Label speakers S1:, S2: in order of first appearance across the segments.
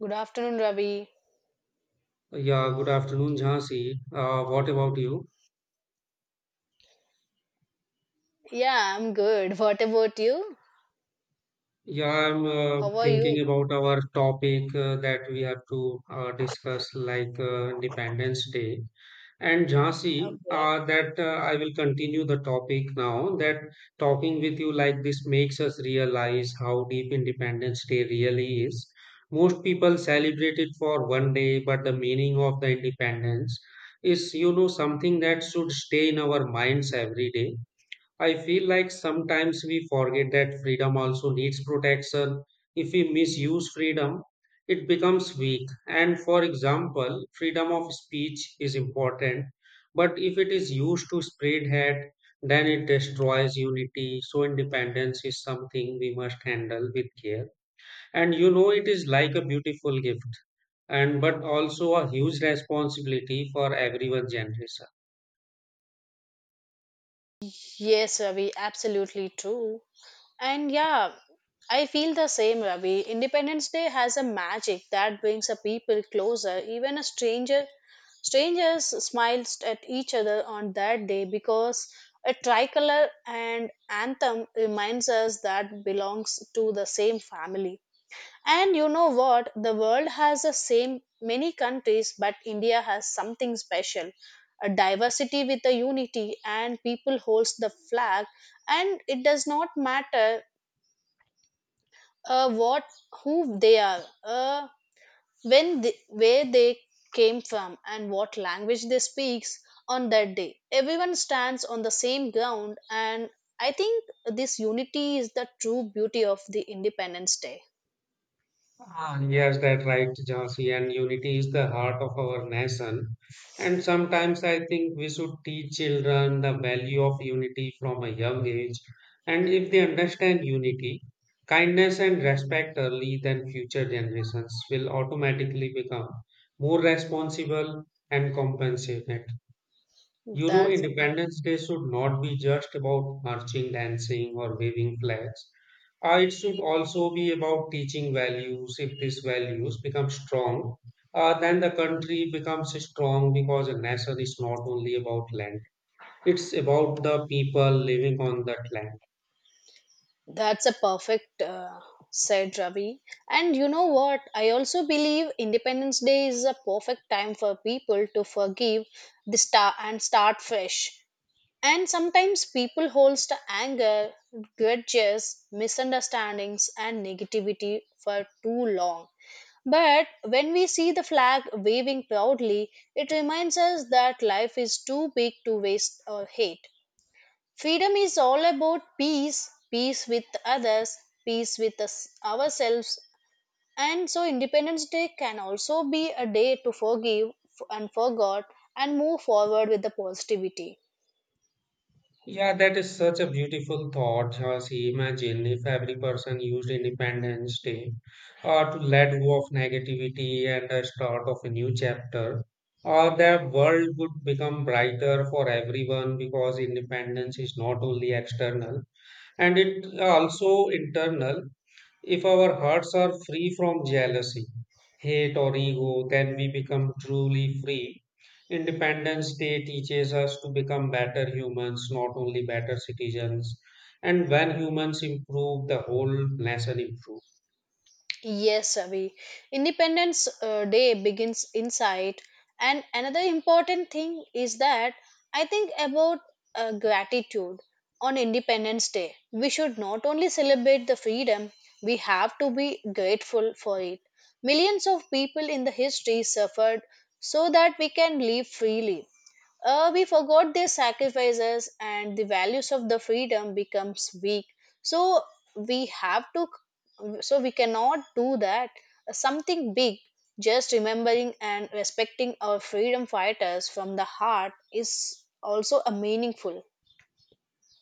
S1: Good afternoon, Ravi.
S2: Yeah, good afternoon, Jhansi. What about you?
S1: Yeah, I'm good. What about you?
S2: Yeah, I'm
S1: How are
S2: thinking
S1: you?
S2: about our topic that we have to discuss, like Independence Day. And Jhansi,
S1: Okay.
S2: that I will continue the topic now. That talking with you like this makes us realize how deep Independence Day really is. Most people celebrate it for one day, but the meaning of the independence is, something that should stay in our minds every day. I feel like sometimes we forget that freedom also needs protection. If we misuse freedom, it becomes weak. And for example, freedom of speech is important, but if it is used to spread hate, then it destroys unity. So, independence is something we must handle with care. And it is like a beautiful gift, and but also a huge responsibility for everyone's generation.
S1: Yes, Ravi, absolutely true. And yeah, I feel the same, Ravi. Independence Day has a magic that brings a people closer. Even a stranger, strangers smiles at each other on that day because a tricolor and anthem reminds us that belongs to the same family. And you know what? The world has the same many countries, but India has something special. A diversity with a unity, and people holds the flag, and it does not matter what who they are, when they, where they came from, and what language they speaks on that day. Everyone stands on the same ground, and I think this unity is the true beauty of the Independence Day.
S2: Ah, yes, that's right, Jhansi, and unity is the heart of our nation. And sometimes I think we should teach children the value of unity from a young age. And if they understand unity, kindness, and respect early, then future generations will automatically become more responsible and compassionate.
S1: That's
S2: Independence Day should not be just about marching, dancing, or waving flags. It should also be about teaching values. If these values become strong, then the country becomes strong because a nation is not only about land, it's about the people living on that land.
S1: That's a perfect said Ravi. And you know what? I also believe Independence Day is a perfect time for people to forgive the star and start fresh. And sometimes people hold to anger, grudges, misunderstandings, and negativity for too long. But when we see the flag waving proudly, it reminds us that life is too big to waste or hate. Freedom is all about peace, peace with others, peace with us, ourselves. And so, Independence Day can also be a day to forgive and forget and move forward with the positivity.
S2: Yeah, that is such a beautiful thought. See, imagine if every person used Independence Day to let go of negativity and the start of a new chapter. The world would become brighter for everyone because independence is not only external and it also internal. If our hearts are free from jealousy, hate or ego, then we become truly free. Independence Day teaches us to become better humans, not only better citizens, and when humans improve, the whole nation improves.
S1: Yes, Avi. Independence Day begins inside. And another important thing is that I think about gratitude on Independence Day. We should not only celebrate the freedom, we have to be grateful for it. Millions of people in the history suffered so that we can live freely. We forgot their sacrifices and the values of the freedom becomes weak so we have to so we cannot do that something big just remembering and respecting our freedom fighters from the heart is also a meaningful.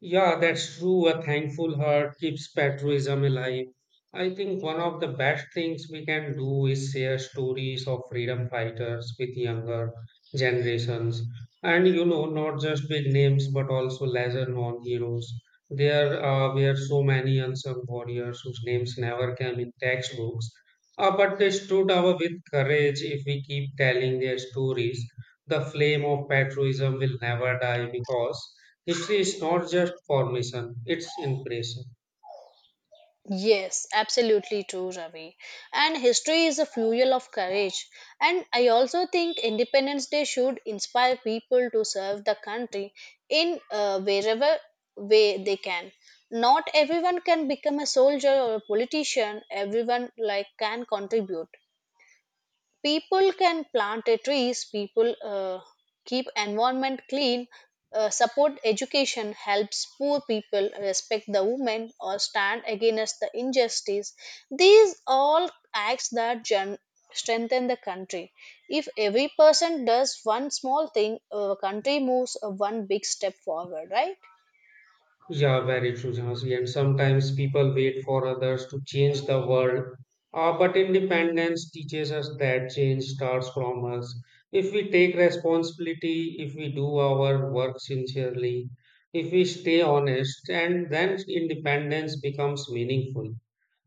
S2: Yeah, that's true. A thankful heart keeps patriotism alive. I think one of the best things we can do is share stories of freedom fighters with younger generations. And not just big names, but also lesser known heroes. There were so many unsung warriors whose names never came in textbooks, but they stood out with courage. If we keep telling their stories, the flame of patriotism will never die because history is not just formation, it's impression.
S1: Yes, absolutely true, Ravi. And history is a fuel of courage, and I also think Independence Day should inspire people to serve the country in, wherever way they can. Not everyone can become a soldier or a politician. Everyone like can contribute. People can plant a trees. People keep environment clean, support education, helps poor people, respect the women, or stand against the injustice. These all acts that strengthen the country. If every person does one small thing, a country moves one big step forward, right?
S2: Yeah, very true, Jhansi. And sometimes people wait for others to change the world. But independence teaches us that change starts from us. If we take responsibility, if we do our work sincerely, if we stay honest, and then independence becomes meaningful.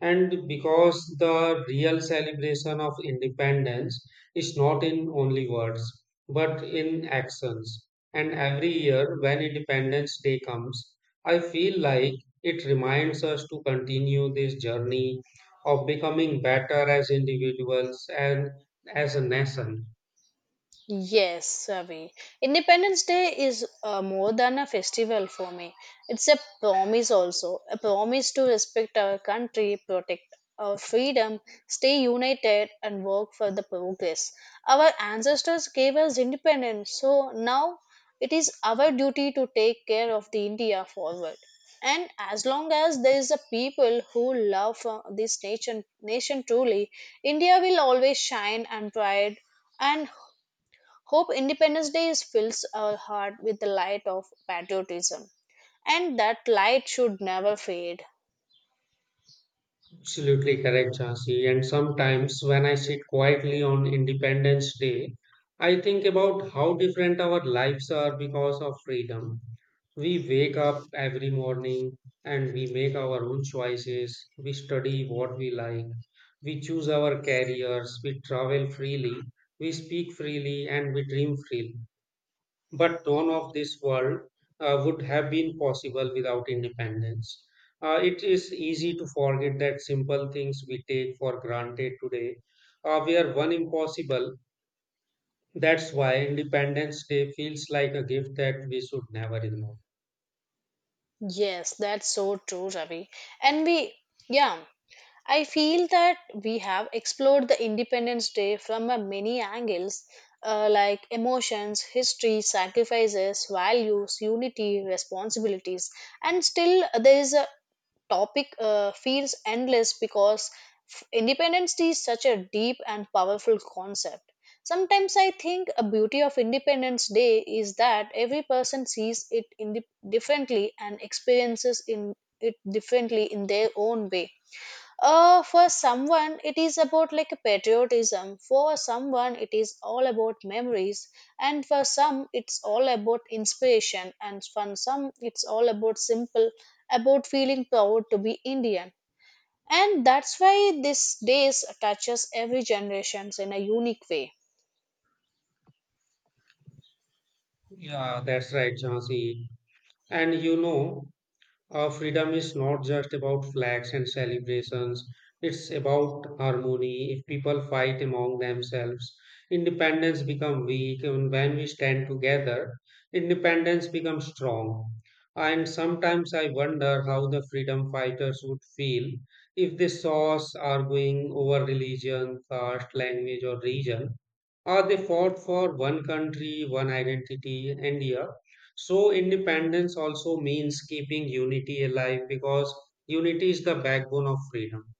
S2: And because the real celebration of independence is not in only words, but in actions. And every year, when Independence Day comes, I feel like it reminds us to continue this journey of becoming better as individuals and as a nation.
S1: Yes, Ravi. Independence Day is more than a festival for me. It's a promise also, a promise to respect our country, protect our freedom, stay united, and work for the progress. Our ancestors gave us independence, so now it is our duty to take care of the India forward. And as long as there is a people who love this nation, nation truly, India will always shine and pride, and hope Independence Day fills our heart with the light of patriotism, and that light should never fade.
S2: Absolutely correct, Jansi. And sometimes when I sit quietly on Independence Day, I think about how different our lives are because of freedom. We wake up every morning and we make our own choices. We study what we like. We choose our careers. We travel freely. We speak freely and we dream freely. But none of this world would have been possible without independence. It is easy to forget that simple things we take for granted today were one impossible. That's why Independence Day feels like a gift that we should never ignore.
S1: Yes, that's so true, Ravi. And we, yeah, I feel that we have explored the Independence Day from a many angles, like emotions, history, sacrifices, values, unity, responsibilities, and still there is a topic feels endless because independence is such a deep and powerful concept. Sometimes I think a beauty of Independence Day is that every person sees it in differently and experiences in it differently in their own way. For someone, it is about like a patriotism. For someone, it is all about memories, and for some, it's all about inspiration, and for some, it's all about simple, about feeling proud to be Indian. And that's why this days touches every generations in a unique way.
S2: Yeah, that's right, Jhansi. And freedom is not just about flags and celebrations. It's about harmony. If people fight among themselves, independence becomes weak. And when we stand together, independence becomes strong. And sometimes I wonder how the freedom fighters would feel if they saw us arguing over religion, caste, language, or region. They fought for one country, one identity, and yeah. So independence also means keeping unity alive because unity is the backbone of freedom.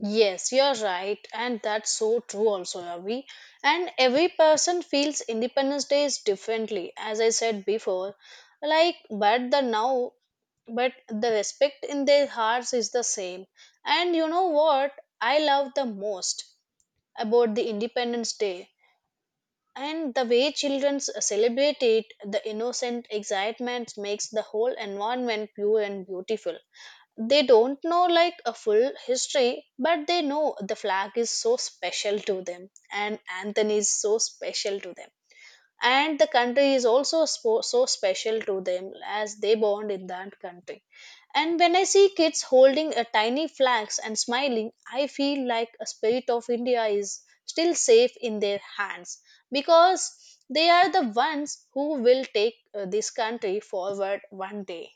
S1: Yes, you're right, and that's so true also, Ravi. And every person feels Independence Day is differently, as I said before. Like, but the now, but the respect in their hearts is the same. And you know what I love the most about the Independence Day? And the way children celebrate it, the innocent excitement makes the whole environment pure and beautiful. They don't know like a full history, but they know the flag is so special to them, and anthony is so special to them, and the country is also so special to them as they bond in that country. And when I see kids holding a tiny flags and smiling, I feel like a spirit of India is still safe in their hands because they are the ones who will take this country forward one day.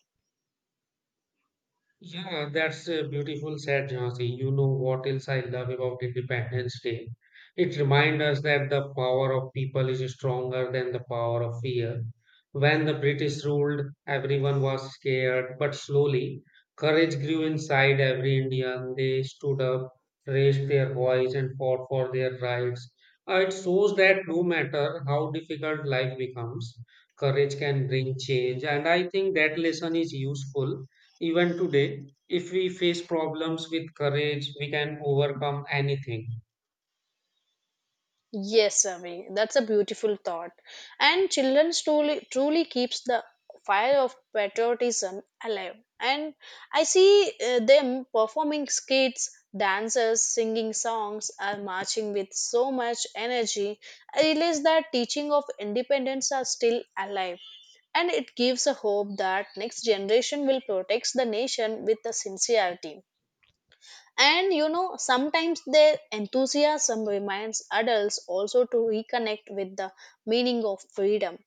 S2: Yeah, that's a beautiful said, Jhansi. You know what else I love about Independence Day? It reminds us that the power of people is stronger than the power of fear. When the British ruled, everyone was scared, but slowly, courage grew inside every Indian. They stood up, raised their voice, and fought for their rights. It shows that no matter how difficult life becomes, courage can bring change. And I think that lesson is useful even today. If we face problems with courage, we can overcome anything.
S1: Yes, Ami, that's a beautiful thought. And children truly keeps the fire of patriotism alive. And I see them performing skits, dances, singing songs, and marching with so much energy. I realize that teaching of independence are still alive. And it gives a hope that next generation will protect the nation with the sincerity. And you know, sometimes their enthusiasm reminds adults also to reconnect with the meaning of freedom.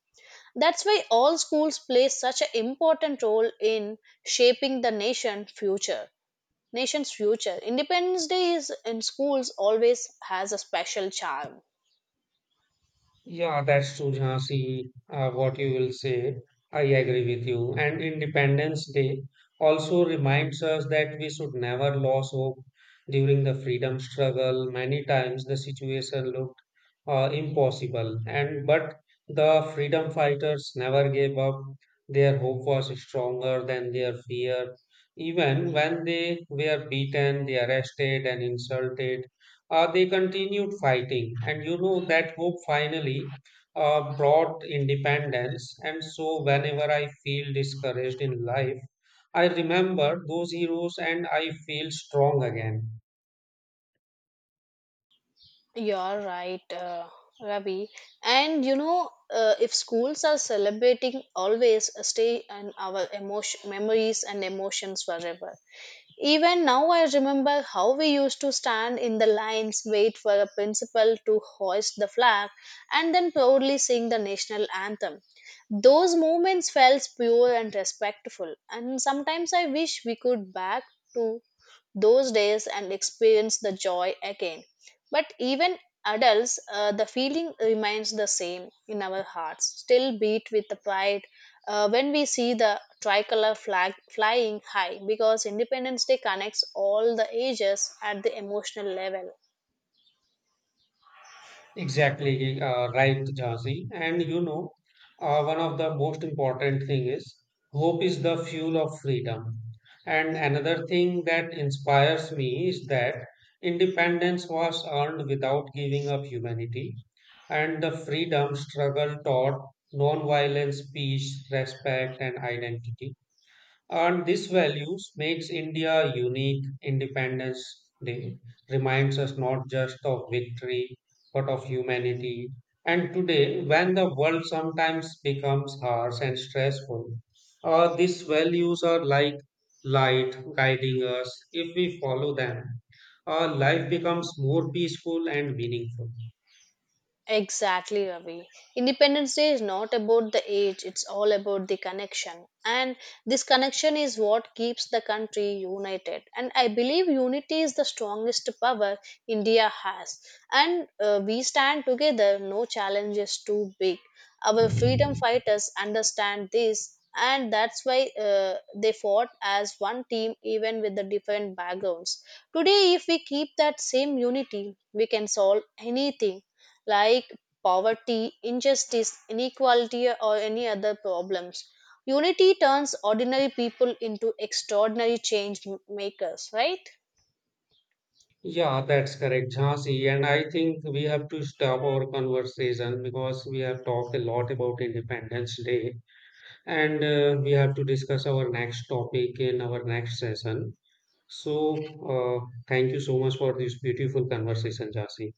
S1: That's why all schools play such an important role in shaping the nation future. Nation's future. Independence Day is in schools always has a special charm.
S2: Yeah, that's true, Jhansi, what you will say. I agree with you. And Independence Day also reminds us that we should never lose hope during the freedom struggle. Many times the situation looked impossible, and but the freedom fighters never gave up. Their hope was stronger than their fear. Even when they were beaten, they arrested and insulted, they continued fighting. And that hope finally brought independence. And so, whenever I feel discouraged in life, I remember those heroes and I feel strong again.
S1: You're right, Ravi. And you know, if schools are celebrating, always stay in our emotion, memories and emotions forever. Even now, I remember how we used to stand in the lines, wait for a principal to hoist the flag, and then proudly sing the national anthem. Those moments felt pure and respectful, and sometimes I wish we could back to those days and experience the joy again. But even adults, the feeling remains the same in our hearts, still beat with the pride when we see the tricolor flag flying high because Independence Day connects all the ages at the emotional level.
S2: Exactly, right, Jhansi. And one of the most important thing is hope is the fuel of freedom. And another thing that inspires me is that independence was earned without giving up humanity, and the freedom struggle taught nonviolence, peace, respect, and identity. And these values makes India unique. Independence Day reminds us not just of victory, but of humanity. And today, when the world sometimes becomes harsh and stressful, these values are like light guiding us. If we follow them, our life becomes more peaceful and meaningful.
S1: Exactly, Ravi. Independence Day is not about the age, it's all about the connection. And this connection is what keeps the country united. And I believe unity is the strongest power India has. And we stand together, no challenge is too big. Our freedom fighters understand this, and that's why they fought as one team, even with the different backgrounds. Today, if we keep that same unity, we can solve anything like poverty, injustice, inequality, or any other problems. Unity turns ordinary people into extraordinary change makers, right?
S2: Yeah, that's correct, Jhansi. And I think we have to stop our conversation because we have talked a lot about Independence Day and we have to discuss our next topic in our next session. So, thank you so much for this beautiful conversation, Jhansi.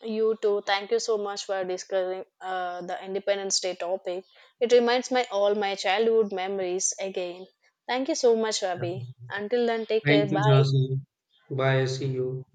S1: You too. Thank you so much for discussing the Independence Day topic. It reminds me all my childhood memories again. Thank you so much,
S2: Yeah.
S1: Ravi. Until then, take care.
S2: Thank you,
S1: Bye.
S2: Jhansi. Bye. See you.